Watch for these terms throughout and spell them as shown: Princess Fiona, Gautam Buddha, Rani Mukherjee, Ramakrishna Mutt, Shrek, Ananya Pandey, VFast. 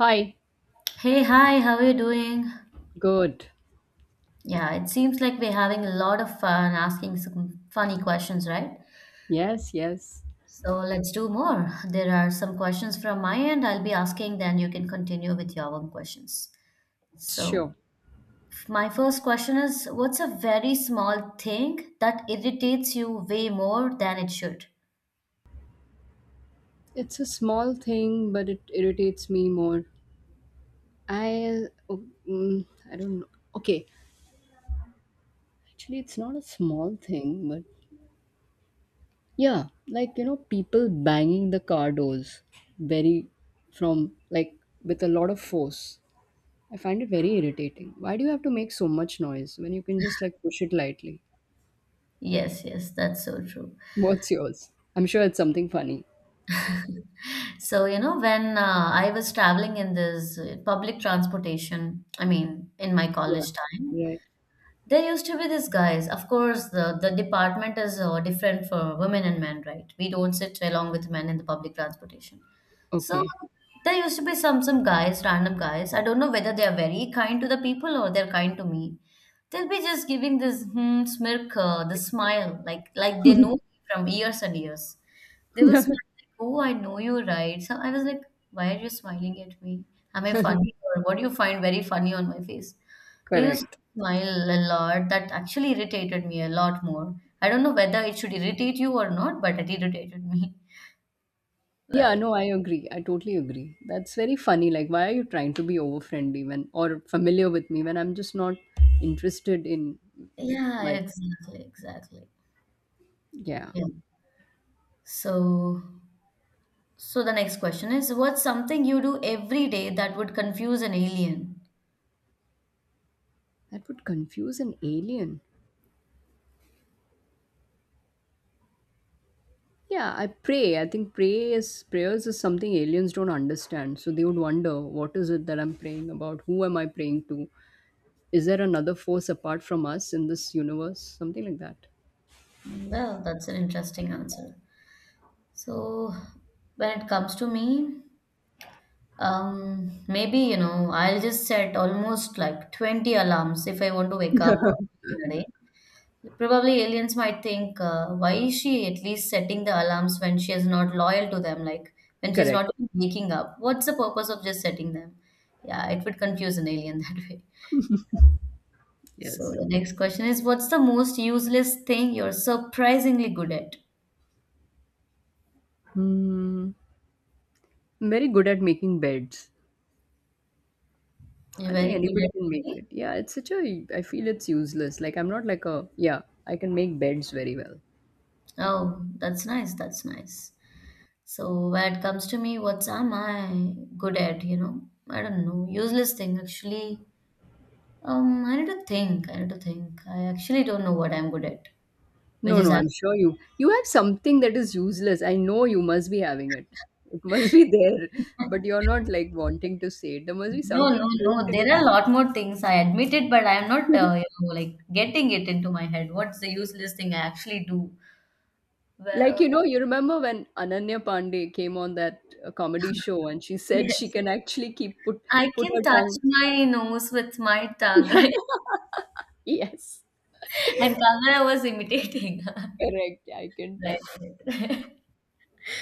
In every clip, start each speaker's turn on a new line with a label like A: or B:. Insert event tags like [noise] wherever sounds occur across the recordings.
A: Hi.
B: Hey, hi, how are you doing?
A: Good.
B: Yeah, it seems like we're having a lot of fun asking some funny questions, right?
A: Yes, yes.
B: So let's do more. There are some questions from my end I'll be asking, then you can continue with your own questions. So,
A: Sure.
B: my first question is, what's a very small thing that irritates you way more than it should?
A: It's a small thing, but it irritates me more. I, oh, I don't know. Okay. Actually, it's not a small thing, but yeah, like, people banging the car doors very from, like, with a lot of force. I find it very irritating. Why do you have to make so much noise when you can just, like, push it lightly?
B: Yes, yes, that's so true.
A: What's yours? I'm sure it's something funny.
B: So, you know, when I was traveling in this public transportation, I mean, in my
A: Yeah.
B: college time,
A: Right.
B: there used to be these guys. Of course, the department is different for women and men, right? We don't sit along with men in the public transportation. So
A: Okay.
B: there used to be some guys, random guys. I don't know whether they are very kind to the people or they're kind to me. They'll be just giving this smirk, the smile, like they know me from years and years. They will smile like, "Oh, I know you, right?" So I was like, "Why are you smiling at me? Am I funny, or what do you find very funny on my face?" They used
A: Correct.
B: to smile a lot. That actually irritated me a lot more. I don't know whether it should irritate you or not, but it irritated me. [laughs]
A: Yeah,
B: Well,
A: no, I agree. I totally agree. That's very funny. Like, why are you trying to be over friendly when or familiar with me when I'm just not interested in
B: yeah,
A: like
B: exactly, exactly.
A: yeah.
B: Yeah. So, so the next question is, what's something you do every day that would confuse an alien?
A: That would confuse an alien. Yeah, I pray. I think prayers is something aliens don't understand. So they would wonder what is it that I'm praying about? Who am I praying to? Is there another force apart from us in this universe? Something like that.
B: Well, that's an interesting answer. So, when it comes to me, maybe, you know, I'll just set almost like 20 alarms if I want to wake up early in a day. Probably aliens might think, why is she at least setting the alarms when she is not loyal to them? Like when she's
A: Correct.
B: not even waking up, what's the purpose of just setting them? Yeah, it would confuse an alien [laughs] that way. So
A: Yes.
B: the next question is, what's the most useless thing you're surprisingly good at?
A: Hmm. I'm very good at making beds.
B: You're
A: I think
B: very good
A: anybody
B: at
A: can make
B: baking?
A: it. Yeah, it's such a. I feel it's useless. Like I'm not like a. Yeah, I can make beds very well.
B: Oh, that's nice. That's nice. So when it comes to me, what am I good at? You know, I don't know. Useless thing actually. I need to think. I need to think. I actually don't know what I'm good at, which
A: No,
B: is
A: no, I'm
B: actually
A: sure You have something that is useless. I know you must be having it. It must be [laughs] there, but
B: [laughs]
A: you're not like wanting to say it. There must be
B: no, no,
A: something
B: no.
A: totally.
B: There are a lot more things. I admit it, but I'm not,
A: [laughs]
B: you know, like getting it into my head. What's the useless thing I actually do?
A: Like, you
B: Well,
A: know, you remember when Ananya Pandey came on that comedy show and she
B: [laughs]
A: said she
B: yes,
A: can actually keep put
B: I
A: put
B: can
A: her
B: touch
A: tongue.
B: my nose with my tongue, [laughs] right?
A: [laughs] Yes,
B: And Kangana was imitating. [laughs]
A: correct. Yeah, I can
B: Right.
A: touch
B: Right.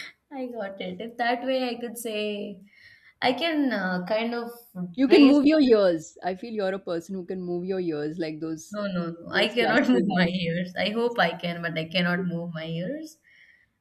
B: [laughs] I got it. If that way I could say, I can kind of
A: you can
B: trace
A: move your ears. I feel you're a person who can move your ears like those
B: no, no, no. I
A: those
B: cannot [laughs]
A: classical
B: move my
A: dancers.
B: ears. I hope I can, but I cannot move my ears.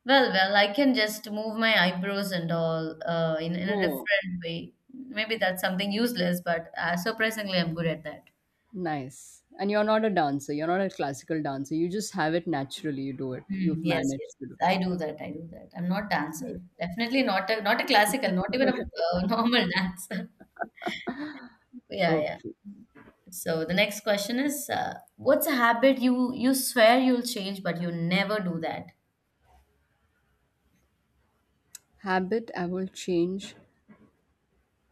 B: Well, well, I can just move my eyebrows and all in a
A: Oh,
B: different way. Maybe that's something useless, but surprisingly, I'm good at that.
A: nice. And you're not a dancer. You're not a classical dancer. You just have it naturally. You do it.
B: Mm,
A: You've
B: yes,
A: managed
B: yes.
A: to do it.
B: I do that. I do that. I'm not
A: Sweet.
B: dancer. Definitely not a not a classical, not even a [laughs] normal dancer. Yeah, yeah.
A: Okay.
B: So the next question is, what's a habit you swear you'll change, but you never do that?
A: Habit I will change.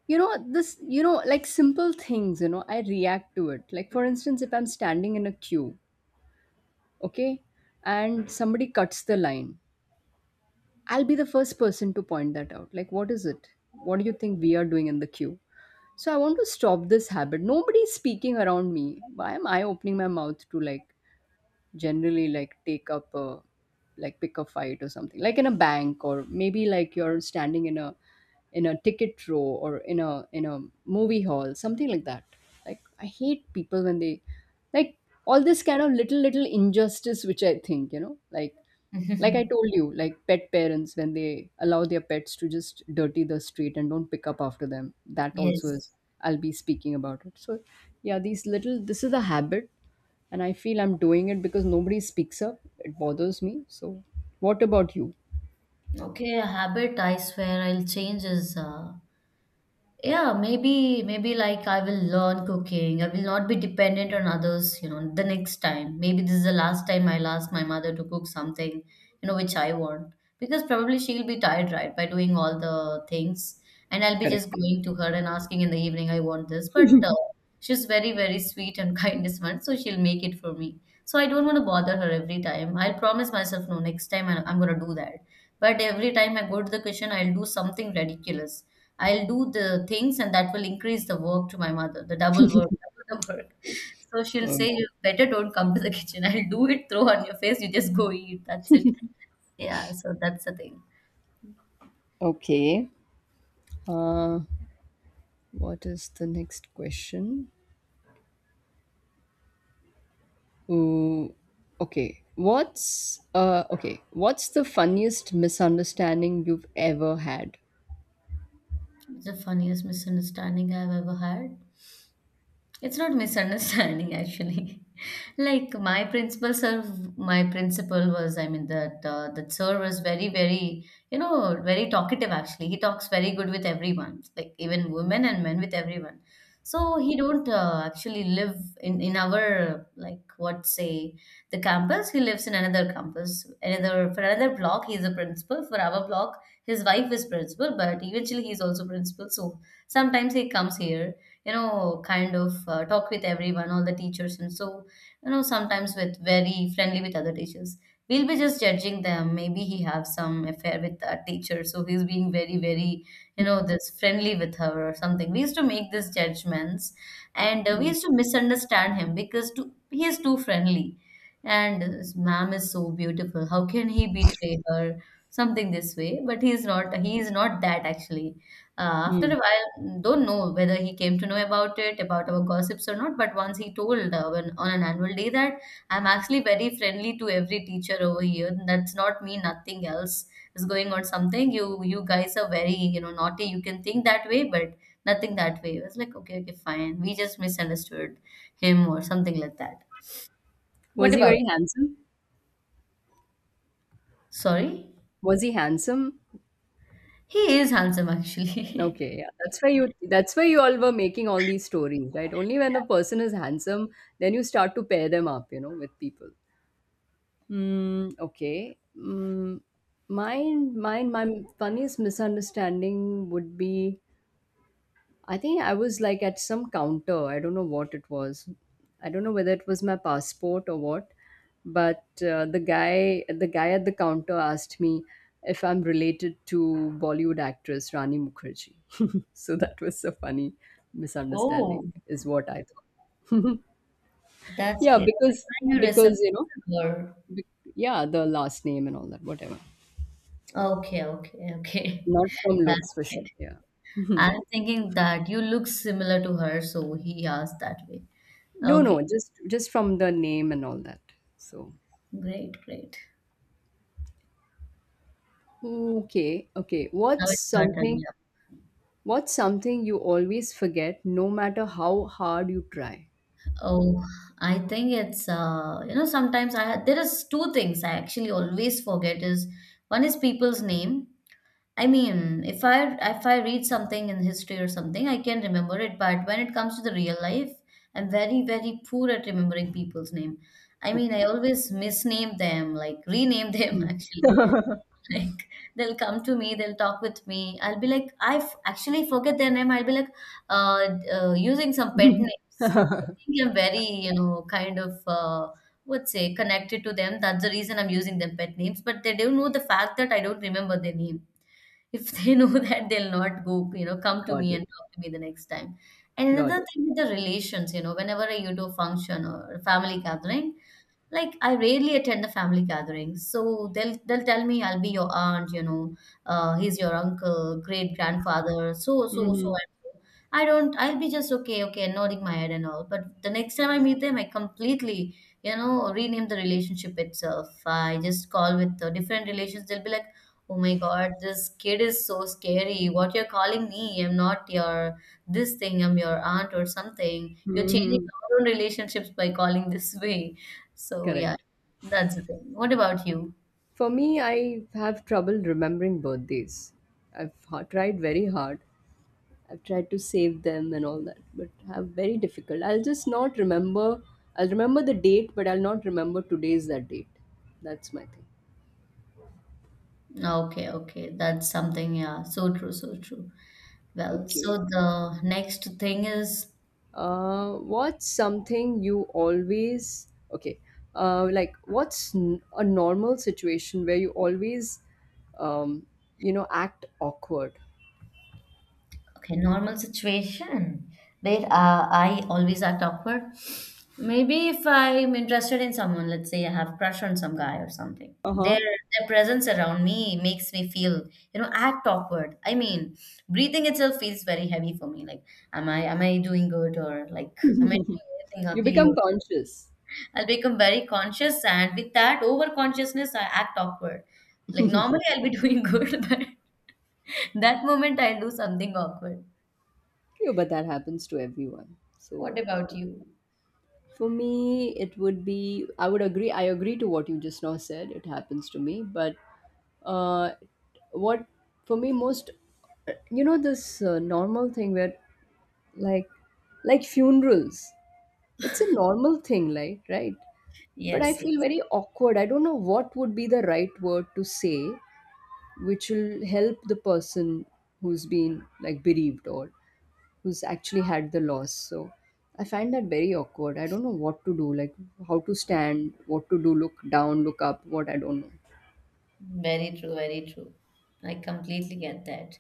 A: You know, like simple things, I react to it. Like, for instance, if I'm standing in a queue, okay, and somebody cuts the line, I'll be the first person to point that out. Like, what is it? What do you think we are doing in the queue? So I want to stop this habit. Nobody's speaking around me. Why am I opening my mouth to like generally like take up a like pick a fight or something like in a bank or maybe like you're standing in a ticket row or in a movie hall, something like that. Like I hate people when they like all this kind of little injustice, which I think like I
B: [laughs]
A: told you, like pet parents when they allow their pets to just dirty the street and don't pick up after them. That also is
B: Yes.
A: I'll be speaking about it. So yeah, these little this is a habit, and I feel I'm doing it because nobody speaks up. It bothers me. So what about you?
B: Okay, a habit I swear I'll change is yeah, maybe like I will learn cooking. I will not be dependent on others. You know, the next time maybe this is the last time I'll ask my mother to cook something, you know, which I want, because probably she'll be tired, right, by doing all the things, and I'll be just
A: Correct.
B: going to her and asking in the evening I want this. But she's very, very sweet and [laughs] kindness one, so she'll make it for me. So I don't want to bother her. Every time I'll promise myself, no, next time I'm gonna do that, but every time I go to the kitchen I'll do something ridiculous. I'll do the things and that will increase the work to my mother, the double work, double the work. So she'll say,
A: Um,
B: "You better don't come to the kitchen. [laughs] I'll do it, throw on your face, you just go eat. That's it." Yeah, so that's the thing.
A: okay. Uh, what is the next question? Ooh, okay. What's okay? What's the funniest misunderstanding you've ever had?
B: It's the funniest misunderstanding I've ever had. It's not misunderstanding [laughs] actually. Like my principal was, I mean, that that sir was very, very, you know, very talkative actually. He talks very good with everyone, like even women and men, with everyone. So he don't actually live in our, like, what say, the campus. He lives in another campus, another for another block. He's a principal for our block. His wife is principal, but eventually he's also principal. So sometimes he comes here, you know, kind of talk with everyone, all the teachers, and so, you know, sometimes with very friendly with other teachers, we'll be just judging them, maybe he have some affair with a teacher, so he's being very, very, you know, this friendly with her or something. We used to make these judgments, and we used to misunderstand him because too, he is too friendly, and this ma'am is so beautiful, how can he betray her, something this way. But he's not, he is not that actually. After a
A: Hmm.
B: while, don't know whether he came to know about it, about our gossips or not, but once he told on an annual day, that I'm actually very friendly to every teacher over here. That's not me, nothing else is going on, something. You guys are very, you know, naughty, you can think that way, but nothing that way. I was like, okay, okay, fine, we just misunderstood him or something like that.
A: Was
B: What
A: he
B: about
A: very handsome?
B: sorry
A: Was he handsome?
B: he is handsome actually.
A: Okay, yeah. That's why you all were making all these stories, right? Only when a person is handsome, then you start to pair them up, with people. Mm, okay. My funniest misunderstanding would be, I think I was like at some counter. I don't know what it was. I don't know whether it was my passport or what. But the guy at the counter asked me if I'm related to Bollywood actress Rani Mukherjee. [laughs] So that was a funny
B: [laughs] Oh,
A: misunderstanding, is what I thought.
B: that's
A: Yeah,
B: great. I
A: because
B: find you
A: because
B: resemble
A: you know,
B: her?
A: be- yeah, the last name and all that, whatever.
B: Okay, okay, okay.
A: Not from
B: [laughs] That's
A: looks for sure.
B: great.
A: Yeah. [laughs] Mhm.
B: I'm thinking that you look similar to her, so he asked that way.
A: No,
B: Okay,
A: no, just from the name and all that. So
B: great, great.
A: okay, okay.
B: Now it's your turn. Yeah.
A: What's something you always forget no matter how hard you try?
B: Oh, I think it's you know, sometimes I ha there is two things I actually always forget is one is people's name. I mean, if I read something in history or something, I can remember it. But when it comes to the real life, I'm very, very poor at remembering people's name. I mean,
A: Okay.
B: I always misname them, like rename [laughs] them
A: Mm.
B: actually.
A: [laughs]
B: Like they'll come to me, they'll talk with me. I'll be like, actually forget their name. I'll be like, using some pet names. They
A: Got
B: think I'm very, you know, kind of would say connected to them. That's the reason I'm using them pet names. But they don't know the fact that I don't remember their name. If they know [laughs] that, they'll not go, you know, come to me
A: it.
B: and talk to me the next time. And
A: Got
B: another
A: it.
B: thing with the relations, you know, whenever I go to a function or a family gathering, like I rarely attend the family gatherings, so they'll tell me I'll be your aunt, you know, he's your uncle, great grandfather, so so so
A: Hmm.
B: and so. I don't. I'll be just okay, okay, nodding my head and all. But the next time I meet them, I completely, you know, rename the relationship itself. I just call with the different relations. They'll be like, "Oh my God, this kid is so scary. What you're calling me? I'm not your this thing. I'm your aunt or something. You're changing
A: Hmm.
B: our own relationships by calling this way." So yeah,
A: Correct.
B: that's the thing. What about you?
A: For me, I have trouble remembering birthdays. I've tried very hard. I've tried to save them and all that, but have very difficult. I'll just not remember. I'll remember the date, but I'll not remember today's that date. That's my thing.
B: Okay, okay. That's something, yeah. So true, so true. Well,
A: Okay.
B: so the next thing is
A: What's something you always okay? Like, what's a normal situation where you always, um, act awkward?
B: okay, normal situation where I always act awkward. Maybe if I'm interested in someone, let's say I have crush on some guy or something,
A: Uh huh.
B: their presence around me makes me feel, you know, act awkward. I mean, breathing itself feels very heavy for me. Like, am I doing good, or like am I doing anything
A: [laughs] You
B: ugly?
A: become
B: Or
A: conscious.
B: I'll become very conscious, and with that over consciousness, I act awkward. Like normally,
A: [laughs]
B: I'll be [laughs] doing good, but that moment I'll do something awkward.
A: Yeah, but that happens to everyone. So
B: What about you?
A: for me, it would be, I would agree. I agree to what you just now said. It happens to me, but uh, what for me most, this normal thing where like like funerals, it's a normal thing, like, right? But I
B: Yes,
A: feel
B: yes,
A: very awkward. I don't know what would be the right word to say, which will help the person who's been like bereaved, or who's actually had the loss. So I find that very awkward. I don't know what to do, like how to stand, what to do, look down, look up, what, I don't know.
B: very true, very true. I completely get that.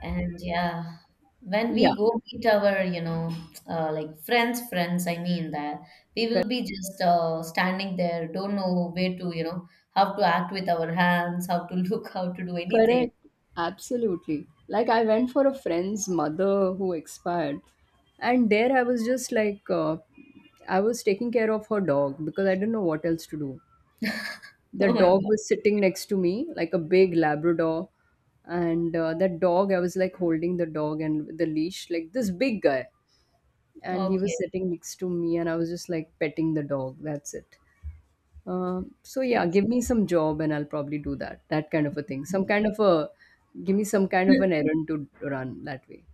B: And yeah, when
A: Yeah,
B: we go meet our, you know, like friends, I mean that we will
A: correct.
B: be just standing there, don't know where to, you know, how to act with our hands, how to [laughs] look, how to do anything.
A: Correct. Absolutely. Like, I went for a friend's mother who expired, and there I was just like, I was taking care of her dog because I didn't know what else to do.
B: [laughs]
A: The
B: Oh my
A: dog was sitting next to me, like a big Labrador, and that dog I was like holding the dog and with the leash, like, this big guy, and
B: God.
A: he was
B: Okay.
A: sitting next to me, and I was just like petting the dog. That's it. So yeah,
B: Yes.
A: give me some job and I'll probably do that. That kind of a thing. Some kind of a Give me some kind of an errand to run that way.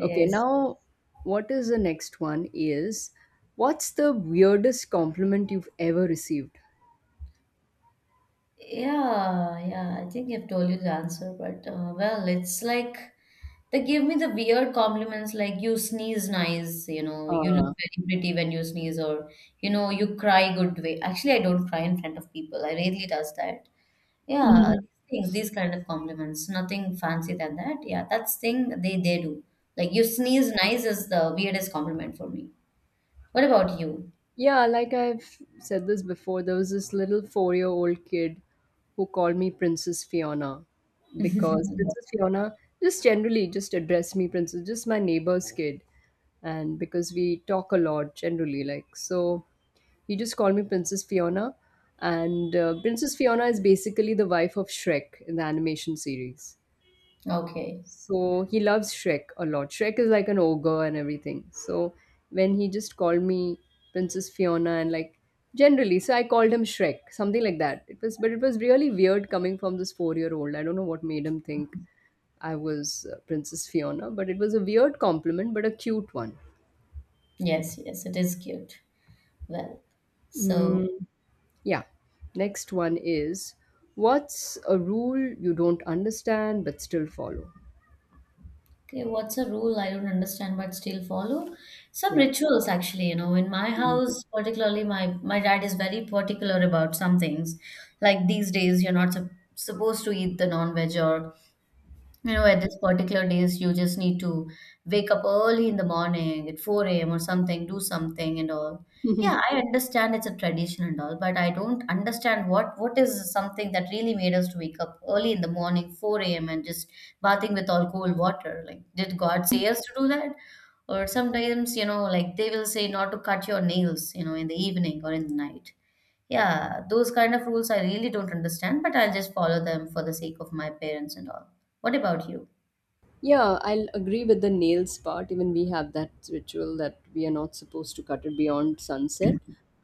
A: Okay, now what is the next one is, what's the weirdest compliment you've ever received?
B: Yeah, yeah. I think I've told you the answer, but well, it's like they give me the weird compliments like you sneeze nice, you know, you look
A: Uh,
B: very pretty when you sneeze, or you know, you cry good way. Actually, I don't cry in front of people. I rarely does that. Yeah,
A: Mhm.
B: things, these kind of compliments, nothing fancy than that. Yeah, that's thing they do. Like you sneeze nice is the weirdest compliment for me. What about you?
A: Yeah, like, I've said this before, there was this little 4-year-old old kid who called me Princess Fiona, because Princess Fiona, just generally, just addressed me Princess, just my neighbor's kid. And because we talk a lot generally, like, so he just called me Princess Fiona. And Princess Fiona is basically the wife of Shrek in the animation series.
B: Okay.
A: So he loves Shrek a lot. Shrek is like an ogre and everything. So when he just called me Princess Fiona and, like, generally, so I called him Shrek, something like that. But it was really weird coming from this four-year-old. I don't know what made him think I was Princess Fiona, but it was a weird compliment, but a cute one.
B: Yes, yes, it is cute. Well. So,
A: Mm, yeah. Next one is, what's a rule you don't understand but still follow?
B: okay, what's a rule I don't understand but still follow? Some
A: Yeah.
B: rituals, actually. You know, in my house, particularly, my dad is very particular about some things. Like these days, you're not sup supposed to eat the non-veg, or you know, at this particular days, you just need to wake up early in the morning at 4 a.m. or something, do something and all. Yeah,
A: [laughs]
B: I understand it's a tradition and all, but I don't understand what is something that really made us to wake up early in the morning, 4 a.m. and just bathing with all cold water. Like, did God say us to do that? Or sometimes, you know, like they will say not to cut your nails, you know, in the evening or in the night. Yeah, those kind of rules I really don't understand, but I'll just follow them for the sake of my parents and all. What about you?
A: Yeah, I'll agree with the nails part. Even we have that ritual that we are not supposed to cut it beyond sunset.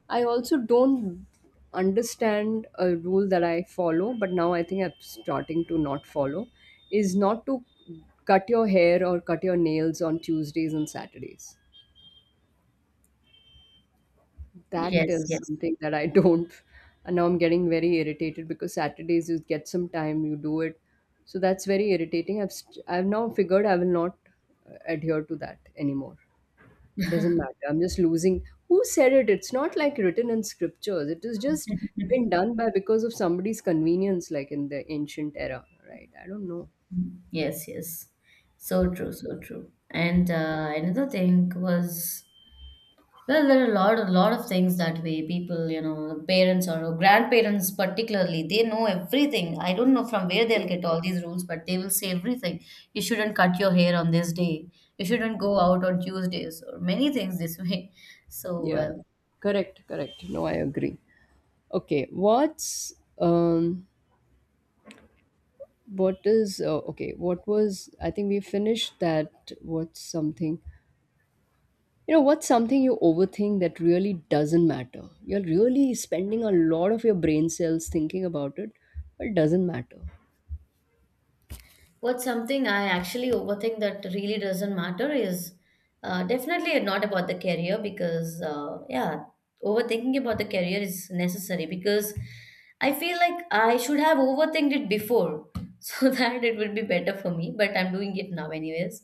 A: I also don't understand a rule that I follow, but now I think I'm starting to not follow, is not to cut your hair or cut your nails on Tuesdays and Saturdays. That
B: Yes,
A: is
B: yes.
A: something that I [laughs] don't. And now I'm getting very irritated because Saturdays you get some time, you do it. So that's very irritating. I've I've now figured I will not adhere to that anymore. Doesn't matter. I'm just losing. Who said it? It's not like written in scriptures. It is just been done by because of somebody's convenience, like in the ancient era, right? I don't know.
B: Mhm. Yes, yes. So true, so true. And another thing was, well, there are a lot of things that way people, you know, parents or grandparents particularly, they know everything. I don't know from where they'll get all these rules, but they will say everything. You shouldn't cut your hair on this day. You shouldn't go out on Tuesdays or many things this way. [laughs] So
A: Yeah,
B: well.
A: correct, correct. No, I agree. Okay, what's um what is okay, what was, I think we finished that. What's something, what's something you overthink that really doesn't matter? You're really spending a lot of your brain cells thinking about it, but it doesn't matter.
B: What's something I actually overthink that really doesn't matter is definitely not about the career because, yeah, overthinking about the career is necessary because I feel like I should have overthinked it before [laughs] so that it would be better for me, but I'm doing it now, anyways.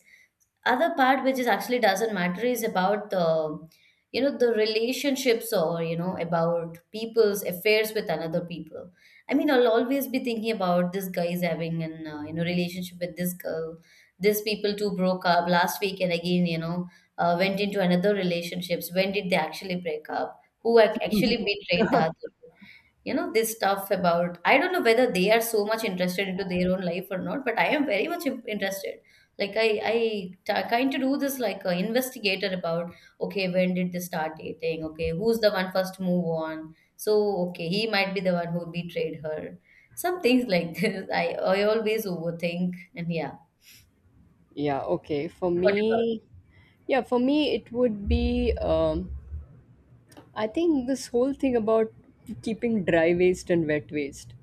B: Other part which is actually doesn't matter is about the, you know, the relationships or you know about people's affairs with another people. I mean, I'll always be thinking about this guy is having an you know, relationship with this girl. These people too broke up last week, and again, you know, went into another relationships. When did they actually break up? Who actually betrayed the other? You know, this stuff about, I don't know whether they are so much interested into their own life or not, but I am very much interested. Like I kind of do this like a investigator about, okay, when did they start dating? Okay, who's the one first move on? So, okay, he might be the one who betrayed her. Some things like [laughs] this. I always overthink. And yeah,
A: Yeah, okay, for
B: what about
A: me, yeah, for me it would be I think this whole thing about keeping dry waste and wet waste.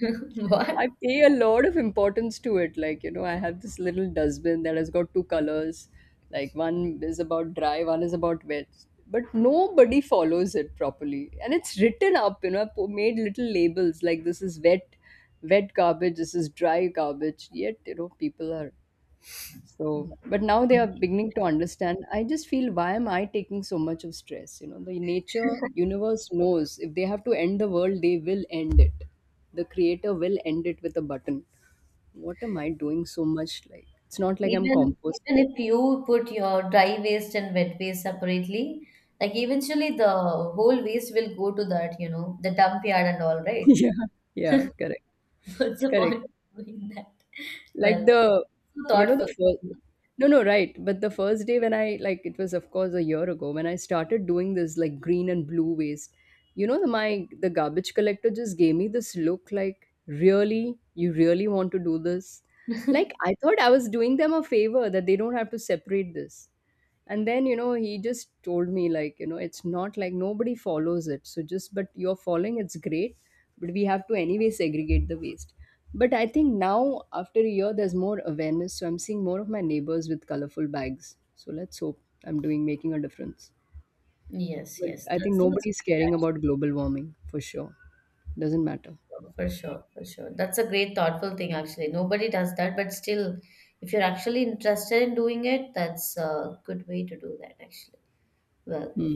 B: [laughs]
A: I
B: what?
A: pay a lot of importance to it. Like, I have this little dustbin that has got two colors. Like, one is about dry, one is about wet. But nobody follows it properly. And it's written up, I made little labels like this is wet garbage, this is dry garbage. Yet, people are so, but now they are
B: Okay.
A: beginning to understand. I just feel, why am I taking so much of stress? You know, the nature, universe knows if they have to end the world, they will end it. The creator will end it with a button. What am I doing so much? Like, it's not like I'm
B: Even even
A: composting.
B: if you put your dry waste and wet waste separately, like eventually the whole waste will go to that, you know, the dump yard and all,
A: [laughs]
B: right?
A: Yeah. Yeah.
B: [laughs]
A: Correct.
B: What's the
A: Correct.
B: point of doing that?
A: Like
B: Well,
A: the,
B: so
A: you know, the
B: thoughtful.
A: first, no, no, right. But the first day when I, like, it was, of course, a year ago when I started doing this, like, green and blue waste, the garbage collector just gave me this look like, really? You really want to do this? Like,
B: [laughs]
A: I thought I was doing them a favor that they don't have to separate this. And then, you know, he just told me, like, you know, it's not like nobody follows it, so just, but you're following, it's great. But we have to anyway segregate the waste. But I think now after a year there's more awareness, so I'm seeing more of my neighbors with colorful bags. So let's hope I'm doing, making a difference.
B: Yes,
A: But
B: yes,
A: I think
B: that's
A: nobody's caring
B: great.
A: about global warming for sure. Doesn't matter.
B: For sure, for sure. That's a great thoughtful thing actually. Nobody does that, but still, if you're actually interested in doing it, that's a good way to do that actually. Well,
A: hmm.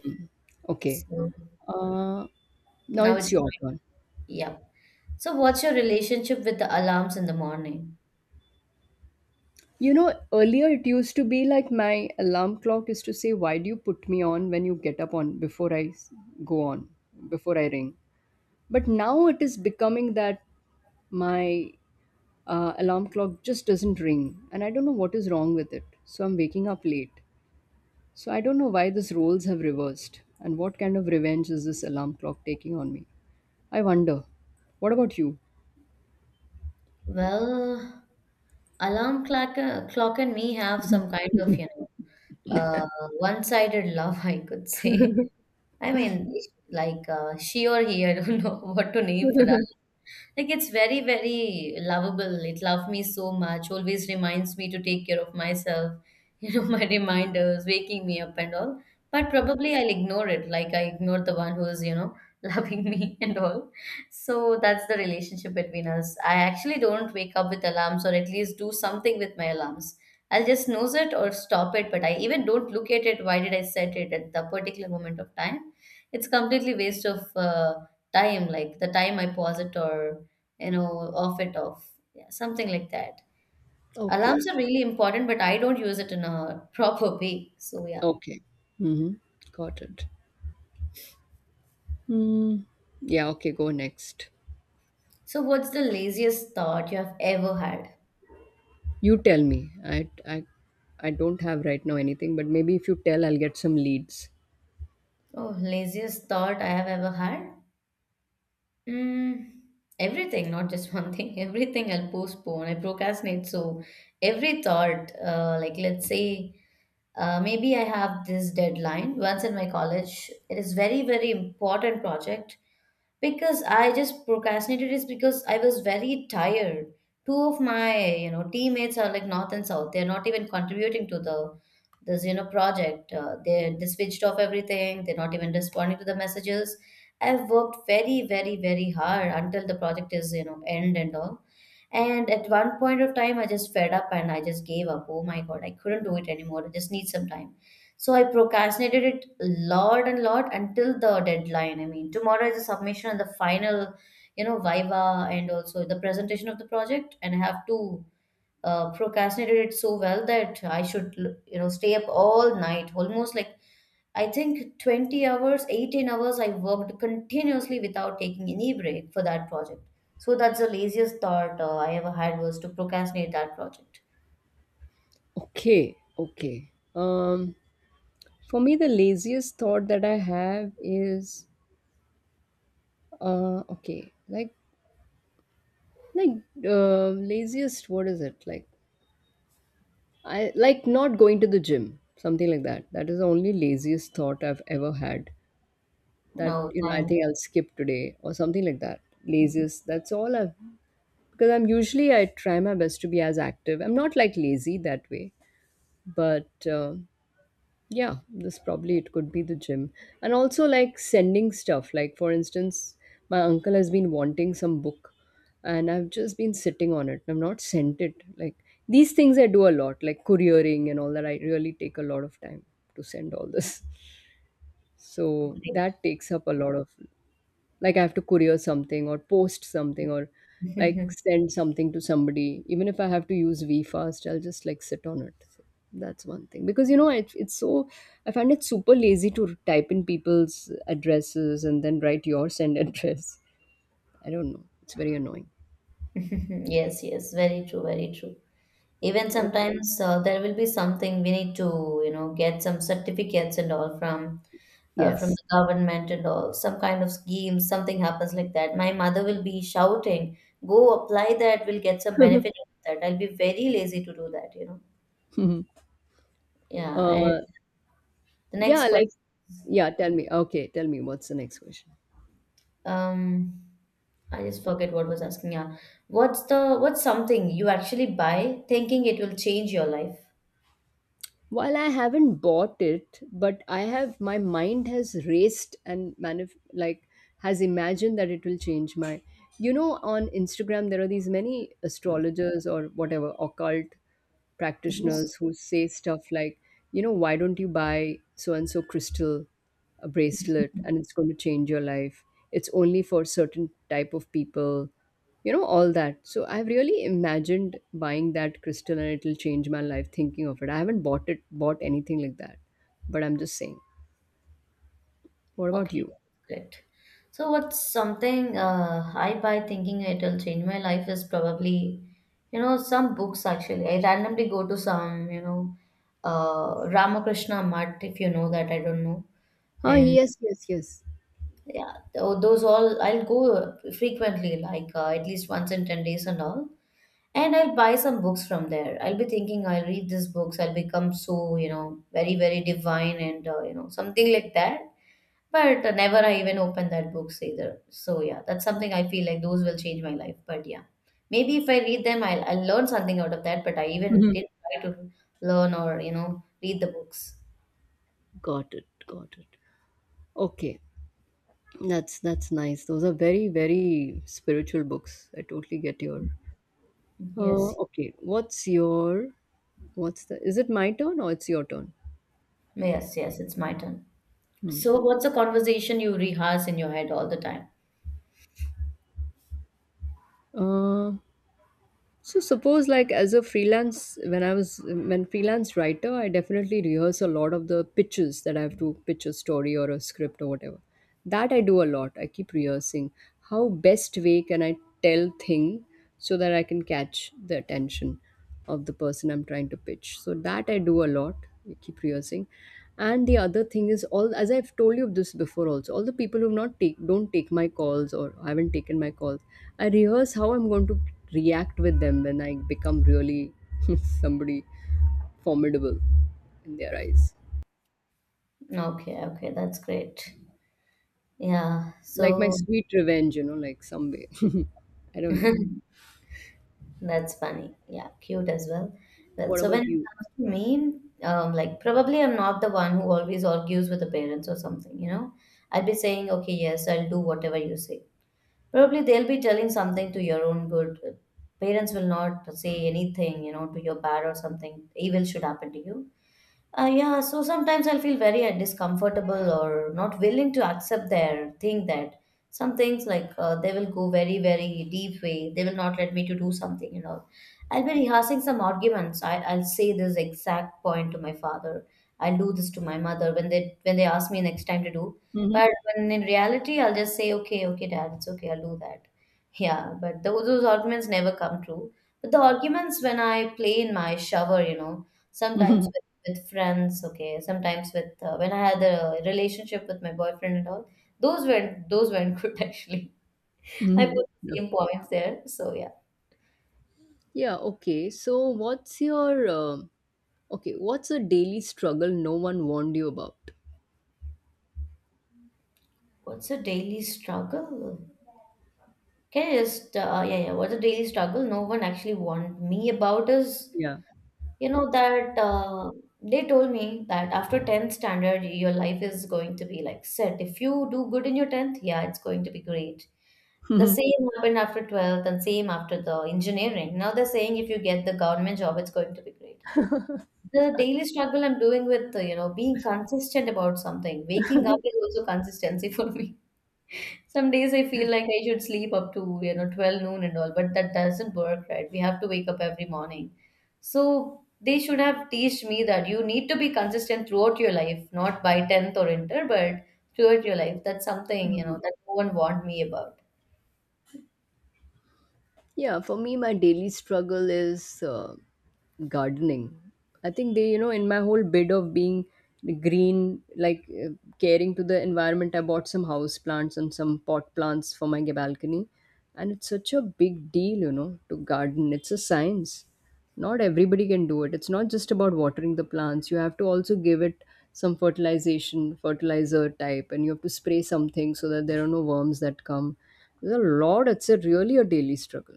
A: Okay.
B: so
A: uh, Now
B: now
A: it's
B: it's
A: your
B: mine.
A: turn.
B: Yeah. So what's your relationship with the alarms in the morning?
A: You know, earlier it used to be like my alarm clock used to say, why do you put me on when you get up on before I s- go on, before I ring? But now it is becoming that my alarm clock just doesn't ring. And I don't know what is wrong with it. So I'm waking up late. So I don't know why these roles have reversed. And what kind of revenge is this alarm clock taking on me? I wonder. What about you?
B: Well, clock and me have some kind of, you know, one-sided love, [laughs] I could say. [laughs] I mean, like she or he, I don't know [laughs] what to name for that. Like it's very, very lovable. It loved me so much. Always reminds me to take care of myself, [laughs] you know, my reminders, waking me up and all. But probably I'll ignore it. Like I ignore the one who's, you know, [laughs] loving me and all. So that's the relationship between us. I actually don't wake up with alarms or at least do something with my alarms. I'll just snooze it or stop it, but I even don't look at it. Why did I set it at the particular moment of time? It's completely waste of time, like the time I pause it or you know, off it off. Yeah, something like that. Alarms
A: Okay.
B: are really important, but I don't use it in a [laughs] proper way. So yeah.
A: Okay. Mm-hmm. Got it. Hmm. Yeah, okay, go next.
B: So what's the laziest thought you have ever had?
A: You tell me. I don't have right now anything, but maybe if you tell, I'll get some leads.
B: Oh, laziest thought I have ever had? Mm, everything, not just one thing. [laughs] Everything I'll postpone. I procrastinate. So every thought, like let's say, maybe I have this deadline once in my college. It is very, very important project because I just procrastinated is because I was very tired. Two of my, you know, teammates are like north and south. They're not even contributing to the this, you know, project. They switched off everything. They're not even responding to the messages. I've worked very, very, very hard until the project is, you know, end and all. And at one point of time, I just fed up and I just gave up. Oh my God, I couldn't do it anymore. I just need some time. So I procrastinated it a lot and lot until the deadline. I mean, tomorrow is the submission and the final, you know, viva and also the presentation of the project. And I have to procrastinate it so well that I should, you know, stay up all night, almost like I think 20 hours, 18 hours. I worked continuously without taking any break for that project. So that's the laziest thought I ever had was to procrastinate that project.
A: Okay, okay. Um, for me, the laziest thought that I have is, okay, like laziest. What is it like? I like not going to the gym, something like that. That is the only laziest thought I've ever had. That,
B: No,
A: you know, I
B: thank
A: think I'll skip today or something like that. Laziest. That's all I've, because I'm usually, I try my best to be as active. I'm not like lazy that way, but yeah, this probably it could be the gym, and also like sending stuff. Like for instance, my uncle has been wanting some book, and I've just been sitting on it. I've not sent it. Like these things I do a lot, like couriering and all that. I really take a lot of time to send all this, so that takes up a lot of, like I have to courier something or post something or like
B: [laughs]
A: send something to somebody. Even if I have to use VFast, I'll just like sit on it. So that's one thing. Because it's so, I find it super lazy to type in people's addresses and then write your [laughs] send address. I don't know. It's very annoying.
B: yes, yes, very true, very true. Even
A: Oh,
B: sometimes there will be something we need to, you know, get some certificates and all from
A: yes.
B: the government and all, some kind of scheme, something happens like that. My mother will be shouting, "Go apply that, we'll get some benefit out of that." I'll be very lazy to do that, you know.
A: [laughs] uh,
B: Yeah, and the
A: yeah,
B: next
A: like,
B: question,
A: yeah, tell me. Okay, tell me what's the next question.
B: um, I just forget what was asking. Yeah, what's something you actually buy thinking it will change your life?
A: While I haven't bought it, but I have, my mind has raced and manif- like has imagined that it will change my. You know, on Instagram there are these many astrologers or whatever occult
B: Yes.
A: practitioners who say stuff like, you know, why don't you buy so and so crystal, a bracelet, and it's going to change your life. It's only for certain type of people, you know, all that. So I've really imagined buying that crystal and it'll change my life thinking of it. I haven't bought it, bought anything like that, but I'm just saying. What about
B: Okay,
A: you?
B: great. So, what's something I buy thinking it'll change my life is probably, you know, some books actually. I randomly go to some, you know, Ramakrishna Mutt, if you know that, I don't know.
A: Ah,
B: And
A: yes, yes, yes.
B: yeah, those all I'll go frequently, like at least once in 10 days and all. And I'll buy some books from there. I'll be thinking I'll read these books, I'll become so, you know, very, very divine and, you know, something like that. But never I even opened that books either. So yeah, that's something I feel like those will change my life. But yeah, maybe if I read them, I'll learn something out of that. But I even
A: Mhm.
B: did try to learn or you know read the books.
A: Got it, got it. Okay, that's nice. Those are very, very spiritual books. I totally get your,
B: Yes,
A: okay, what's the, is it my turn or it's your turn?
B: yes, yes. It's my turn.
A: Hmm.
B: So what's a conversation you rehearse in your head all the time?
A: Uh, So suppose like as a freelance, when I was, when freelance writer, I definitely rehearse a lot of the pitches that I have to pitch, a story or a script or whatever. That I do a lot. I keep rehearsing. How best way can I tell thing so that I can catch the attention of the person I'm trying to pitch? So that I do a lot. I keep rehearsing. And the other thing is all, as I've told you this before also, all the people who not take, don't take my calls or haven't taken my calls, I rehearse how I'm going to react with them when I become really [laughs] somebody formidable in their eyes.
B: Okay, okay, that's great. Yeah.
A: Like my
B: So
A: sweet revenge, you know, like some way. [laughs] I don't know.
B: that's funny. Yeah, cute as well. Well,
A: What
B: so when
A: about
B: it
A: you?
B: comes to me, like probably I'm not the one who always argues with the parents or something, you know. I'd be saying, okay, yes, I'll do whatever you say. Probably they'll be telling something to your own good. Parents will not say anything, you know, to your bad or something evil should happen to you. Yeah, so sometimes I'll feel very discomfortable or not willing to accept their thing that some things like they will go very, very deep way. They will not let me to do something and all. I'll be rehearsing some arguments. I'll say this exact point to my father. I'll do this to my mother when they ask me next time to do.
A: Hmm.
B: But when in reality, I'll just say, okay, okay, dad, it's okay, I'll do that. [laughs] Yeah, but those arguments never come true. But the arguments when I play in my shower, you know,
A: Hmm.
B: sometimes with friends, okay. Sometimes with when I had a relationship with my boyfriend and all, those weren't [laughs] good actually. I put
A: Hmm. [laughs] Yeah,
B: the same points there. So yeah.
A: yeah, okay. So what's your okay, what's a daily struggle no one warned you about?
B: What's a daily struggle? Can you just yeah yeah? What's a daily struggle no one actually warned me about is
A: Yeah.
B: you know that they told me that after tenth standard your life is going to be like set. If you do good in your tenth, yeah, it's going to be great. The
A: [laughs]
B: same happened after 12th and same after the engineering. Now they're saying if you get the government job, it's going to be great. The daily struggle I'm doing with, you know, being consistent about something. Waking up is also consistency [laughs] for me. Some days I feel like I should sleep up to, 12 noon and all, but that doesn't work, right? We have to wake up every morning. So they should have teach me that you need to be consistent throughout your life, not by 10th or inter, but throughout your life. That's something,
A: Hmm.
B: that no one warned me about.
A: Yeah, for me, my daily struggle is gardening. I think they, you know, in my whole bid of being green, like caring to the environment, I bought some house plants and some pot plants for my balcony. And it's such a big deal, you know, to garden. It's a science. Not everybody can do it. It's not just about watering the plants. You have to also give it some fertilization, fertilizer type, and you have to spray something so that there are no worms that come. There's a lot. It's a really a daily struggle.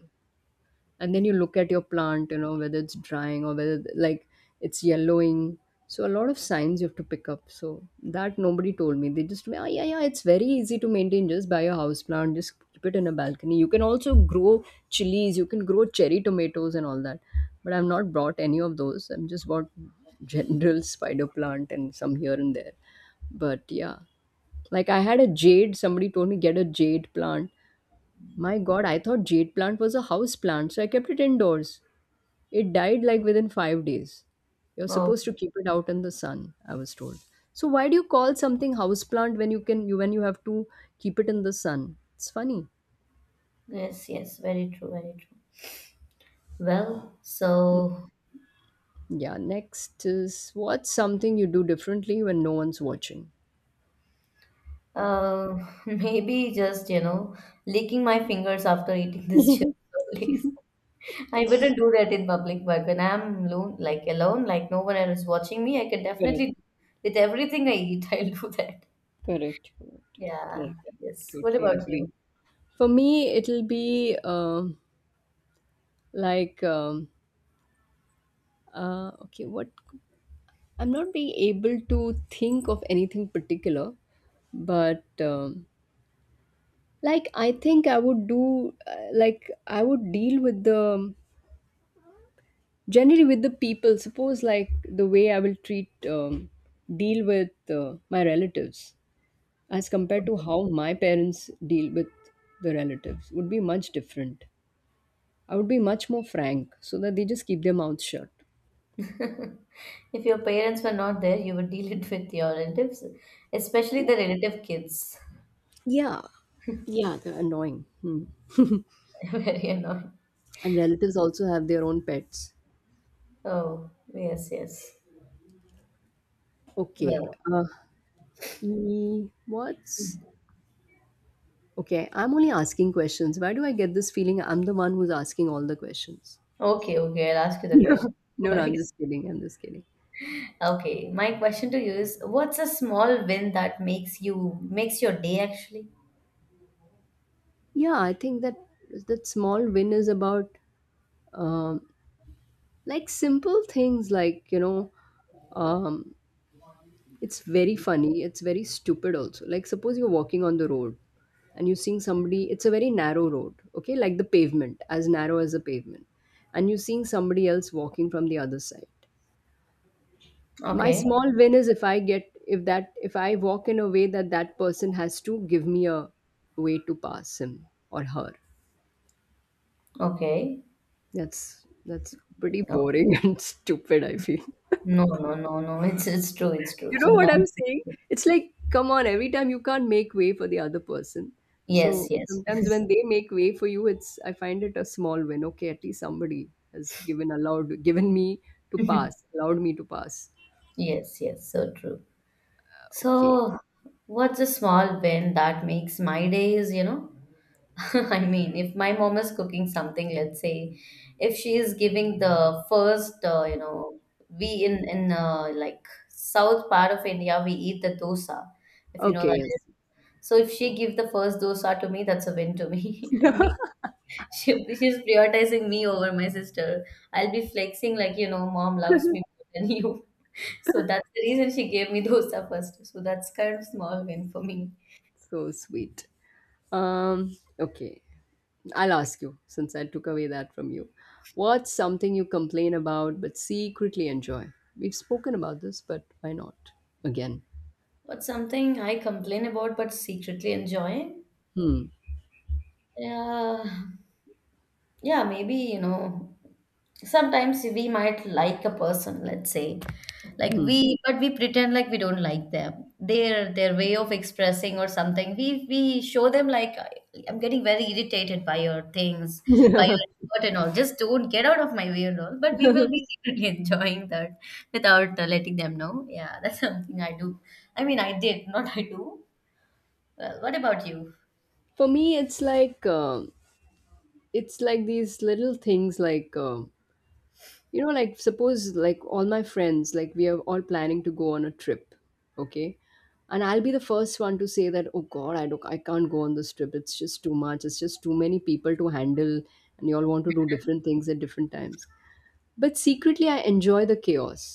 A: And then you look at your plant, you know, whether it's drying or whether like it's yellowing. So a lot of signs you have to pick up, so that nobody told me. They just told me, oh yeah, yeah, it's very easy to maintain, just buy a house plant, just keep it in a balcony, you can also grow chilies, you can grow cherry tomatoes and all that. But I've not brought any of those. I'm just bought [laughs] general spider plant and some here and there. But yeah, like I had a jade, somebody told me get a jade plant. My god, I thought jade plant was a house plant, so I kept it indoors. It died like within 5 days. You're
B: Oh,
A: supposed to keep it out in the sun, I was told. So why do you call something house plant when you can you, when you have to keep it in the sun? It's funny.
B: yes, yes, very true, very true. Well,
A: Hmm.
B: so
A: Yeah, next is, what's something you do differently when no one's watching?
B: uh, [laughs] maybe just, licking my fingers after eating this chips, [laughs] please. I wouldn't do that in public, but when I'm alone, like no one else is watching me, I can
A: Correct,
B: definitely, with everything I eat, [laughs] I'll do that.
A: correct, correct,
B: Yeah,
A: correct.
B: yes. What
A: Totally
B: about
A: agree.
B: you?
A: For me, it'll be like um, okay, what, I'm not being able to think of anything particular, but like I think I would do, like I would deal with the, generally with the people. Suppose like the way I will treat, deal with my relatives as compared to how my parents deal with the relatives would be much different. I would be much more frank so that they just keep their mouths shut.
B: [laughs] If your parents were not there, you would deal it with your relatives, especially the relative kids.
A: Yeah, yeah, they're annoying. Hmm.
B: [laughs] Very annoying.
A: And relatives also have their own pets.
B: Oh, yes, yes.
A: Okay.
B: Well.
A: What's okay? I'm only asking questions. Why do I get this feeling I'm the one who's asking all the questions?
B: Okay, okay, I'll ask you
A: [laughs]
B: the
A: Yeah.
B: question. [laughs]
A: No,
B: No
A: no, I'm
B: worries.
A: just kidding. I'm just kidding.
B: Okay, my question to you is, what's a small win that makes your day actually?
A: Yeah, I think that, that small win is about um, like simple things, like, you know, um, it's very funny. It's very stupid also. Like suppose you're walking on the road and you're seeing somebody. It's a very narrow road. Okay, like the pavement, as narrow as the pavement, and you're seeing somebody else walking from the other side. My
B: Okay,
A: small win is if I get, if that, if I walk in a way that that person has to give me a way to pass him or her.
B: okay.
A: That's pretty
B: Oh,
A: boring [laughs] and stupid, I feel.
B: no, no, no, no. It's true. It's true.
A: You know what I'm
B: Sometimes.
A: saying? It's like, come on, every time you can't make way for the other person.
B: Yes,
A: So
B: yes,
A: sometimes when they make way for you, it's, I find it a small win. Okay, at least somebody has given, allowed, given me to
B: [laughs]
A: pass, allowed me to pass.
B: yes, yes. So true.
A: Okay,
B: So, what's a small win that makes my days? You know, [laughs] I mean, if my mom is cooking something, let's say, if she is giving the first, you know, we in like south part of India, we eat the dosa, if you know
A: okay,
B: that. Is.
A: yes.
B: So if she give the first dosa to me, that's a win to
A: [laughs]
B: me. [laughs] I
A: Yeah,
B: mean, she's prioritizing me over my sister. I'll be flexing like, you know, mom loves me more than you. [laughs] So that's the reason she gave me dosa first. So that's kind of small win for me.
A: so sweet. Okay. I'll ask you since I took away that from you. What's something you complain about but secretly enjoy? We've spoken about this, but why not? Again.
B: What's something I complain about but secretly enjoy?
A: Hmm.
B: Yeah, yeah, maybe, you know, sometimes we might like a person, let's say, like we, but we pretend like we don't like them. Their way of expressing or something. We show them like "I'm getting very irritated by your things, by
A: Hmm.
B: your
A: [laughs]
B: effort and all. Just don't get out of my way and all. But we will be secretly [laughs] enjoying that without letting them know. Yeah, [laughs] that's something I do. I mean, I did, not I do. Well, what about you?
A: For me, it's like it's like these little things, like you know, like suppose like all my friends, like we are all planning to go on a trip, okay, and I'll be the first one to say that, oh god, I don't, I can't go on this trip. It's just too much. It's just too many people to handle and you all want to do different things at different times. But secretly I enjoy the chaos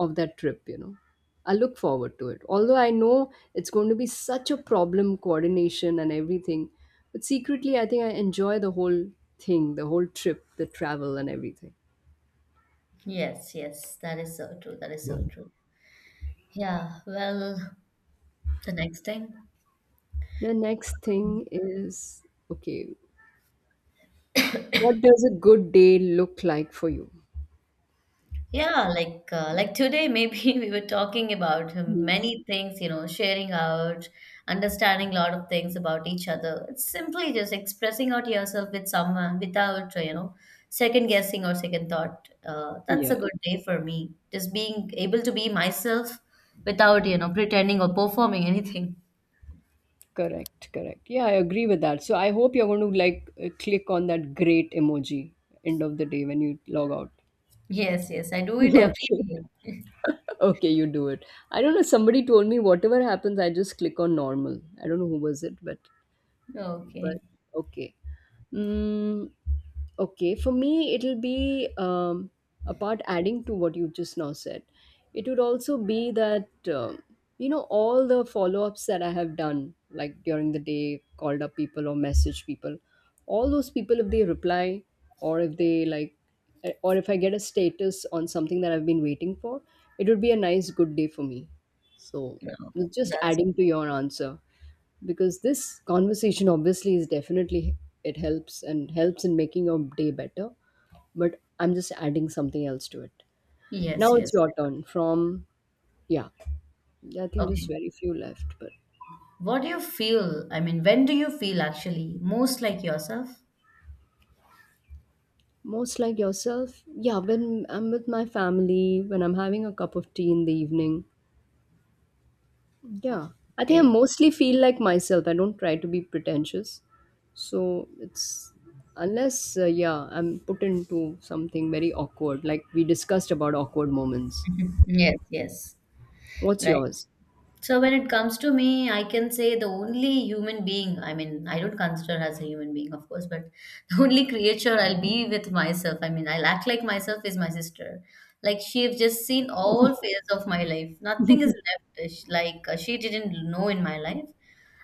A: of that trip, you know. I look forward to it, although I know it's going to be such a problem, coordination and everything. But secretly I think I enjoy the whole thing, the whole trip, the travel and everything.
B: Yes, yes, that is so true. That is so true. Yeah, well, the next thing.
A: The next thing is, okay, what does a good day look like for you?
B: Yeah, like today maybe [laughs] we were talking about many things, you know, sharing out, understanding a lot of things about each other. It's simply just expressing out yourself with someone without, you know, second guessing or second thought. That's
A: Yeah,
B: a good day for me. Just being able to be myself without, you know, pretending or performing anything. [laughs]
A: correct, correct. Yeah, I agree with that. So I hope you're going to like click on that great emoji end of the day when you log out.
B: Yes, yes, I do it
A: [laughs]
B: every
A: Okay.
B: day.
A: Okay, you do it. I don't know. Somebody told me whatever happens, I just click on normal. I don't know who was it, but
B: Okay.
A: okay. Mm, okay, for me, it'll be apart adding to what you just now said. It would also be that, you know, all the follow ups that I have done, like during the day, called up people or message people, all those people, if they reply, or if they like, eh, or if I get a status on something that I've been waiting for, it would be a nice, good day for me. So,
B: No,
A: just
B: that's
A: adding to your answer, because this conversation obviously is definitely, it helps and helps in making your day better. But I'm just adding something else to it.
B: yes,
A: Now it's
B: yes.
A: your turn from, yeah, I think just
B: Okay.
A: very few left but.
B: What do you feel? I mean, when do you feel actually most like yourself?
A: Most like yourself, yeah, when I'm with my family, when I'm having a cup of tea in the evening. Yeah, I think I
B: Okay.
A: mostly feel like myself. I don't try to be pretentious. So it's, unless, yeah, I'm put into something very awkward, like we discussed about awkward moments.
B: [laughs] Yes, yes.
A: What's
B: Right.
A: yours?
B: So when it comes to me, I can say the only human being, I mean, I don't consider as a human being, of course, but [laughs] the only creature I'll be with myself, I mean, I'll act like myself is my sister. Like she've just seen all phases of my life. Nothing is left. Like she didn't know in my life.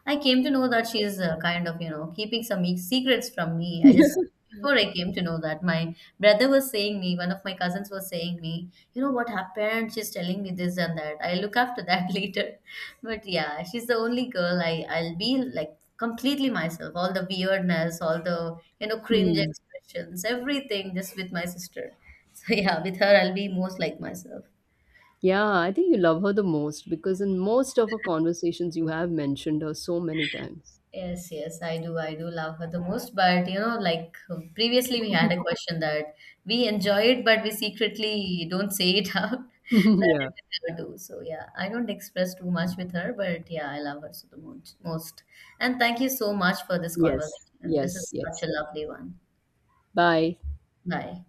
B: I came to know that she's kind of, you know, keeping some secrets from me. I just, before I came to know that, my brother was saying me, one of my cousins was saying me, you know what happened? She's telling me this and that. I'll look after that [laughs] later. But yeah, she's the only girl I'll be like completely myself. All the weirdness, all the you know cringe
A: Hmm.
B: expressions, everything just with my sister. So yeah, with her I'll be most like myself.
A: Yeah, I think you love her the most because in most of our conversations, you have mentioned her so many times.
B: Yes, yes, I do. I do love her the most. But you know, like previously, we had a question that we enjoy it, but we secretly don't say it [laughs] out.
A: [laughs]
B: That
A: Yeah.
B: is what I do. So yeah, I don't express too much with her, but yeah, I love her so the most. Most. And thank you so much for this
A: Yes,
B: conversation. This
A: yes,
B: is such
A: yes.
B: a lovely one.
A: Bye.
B: Bye.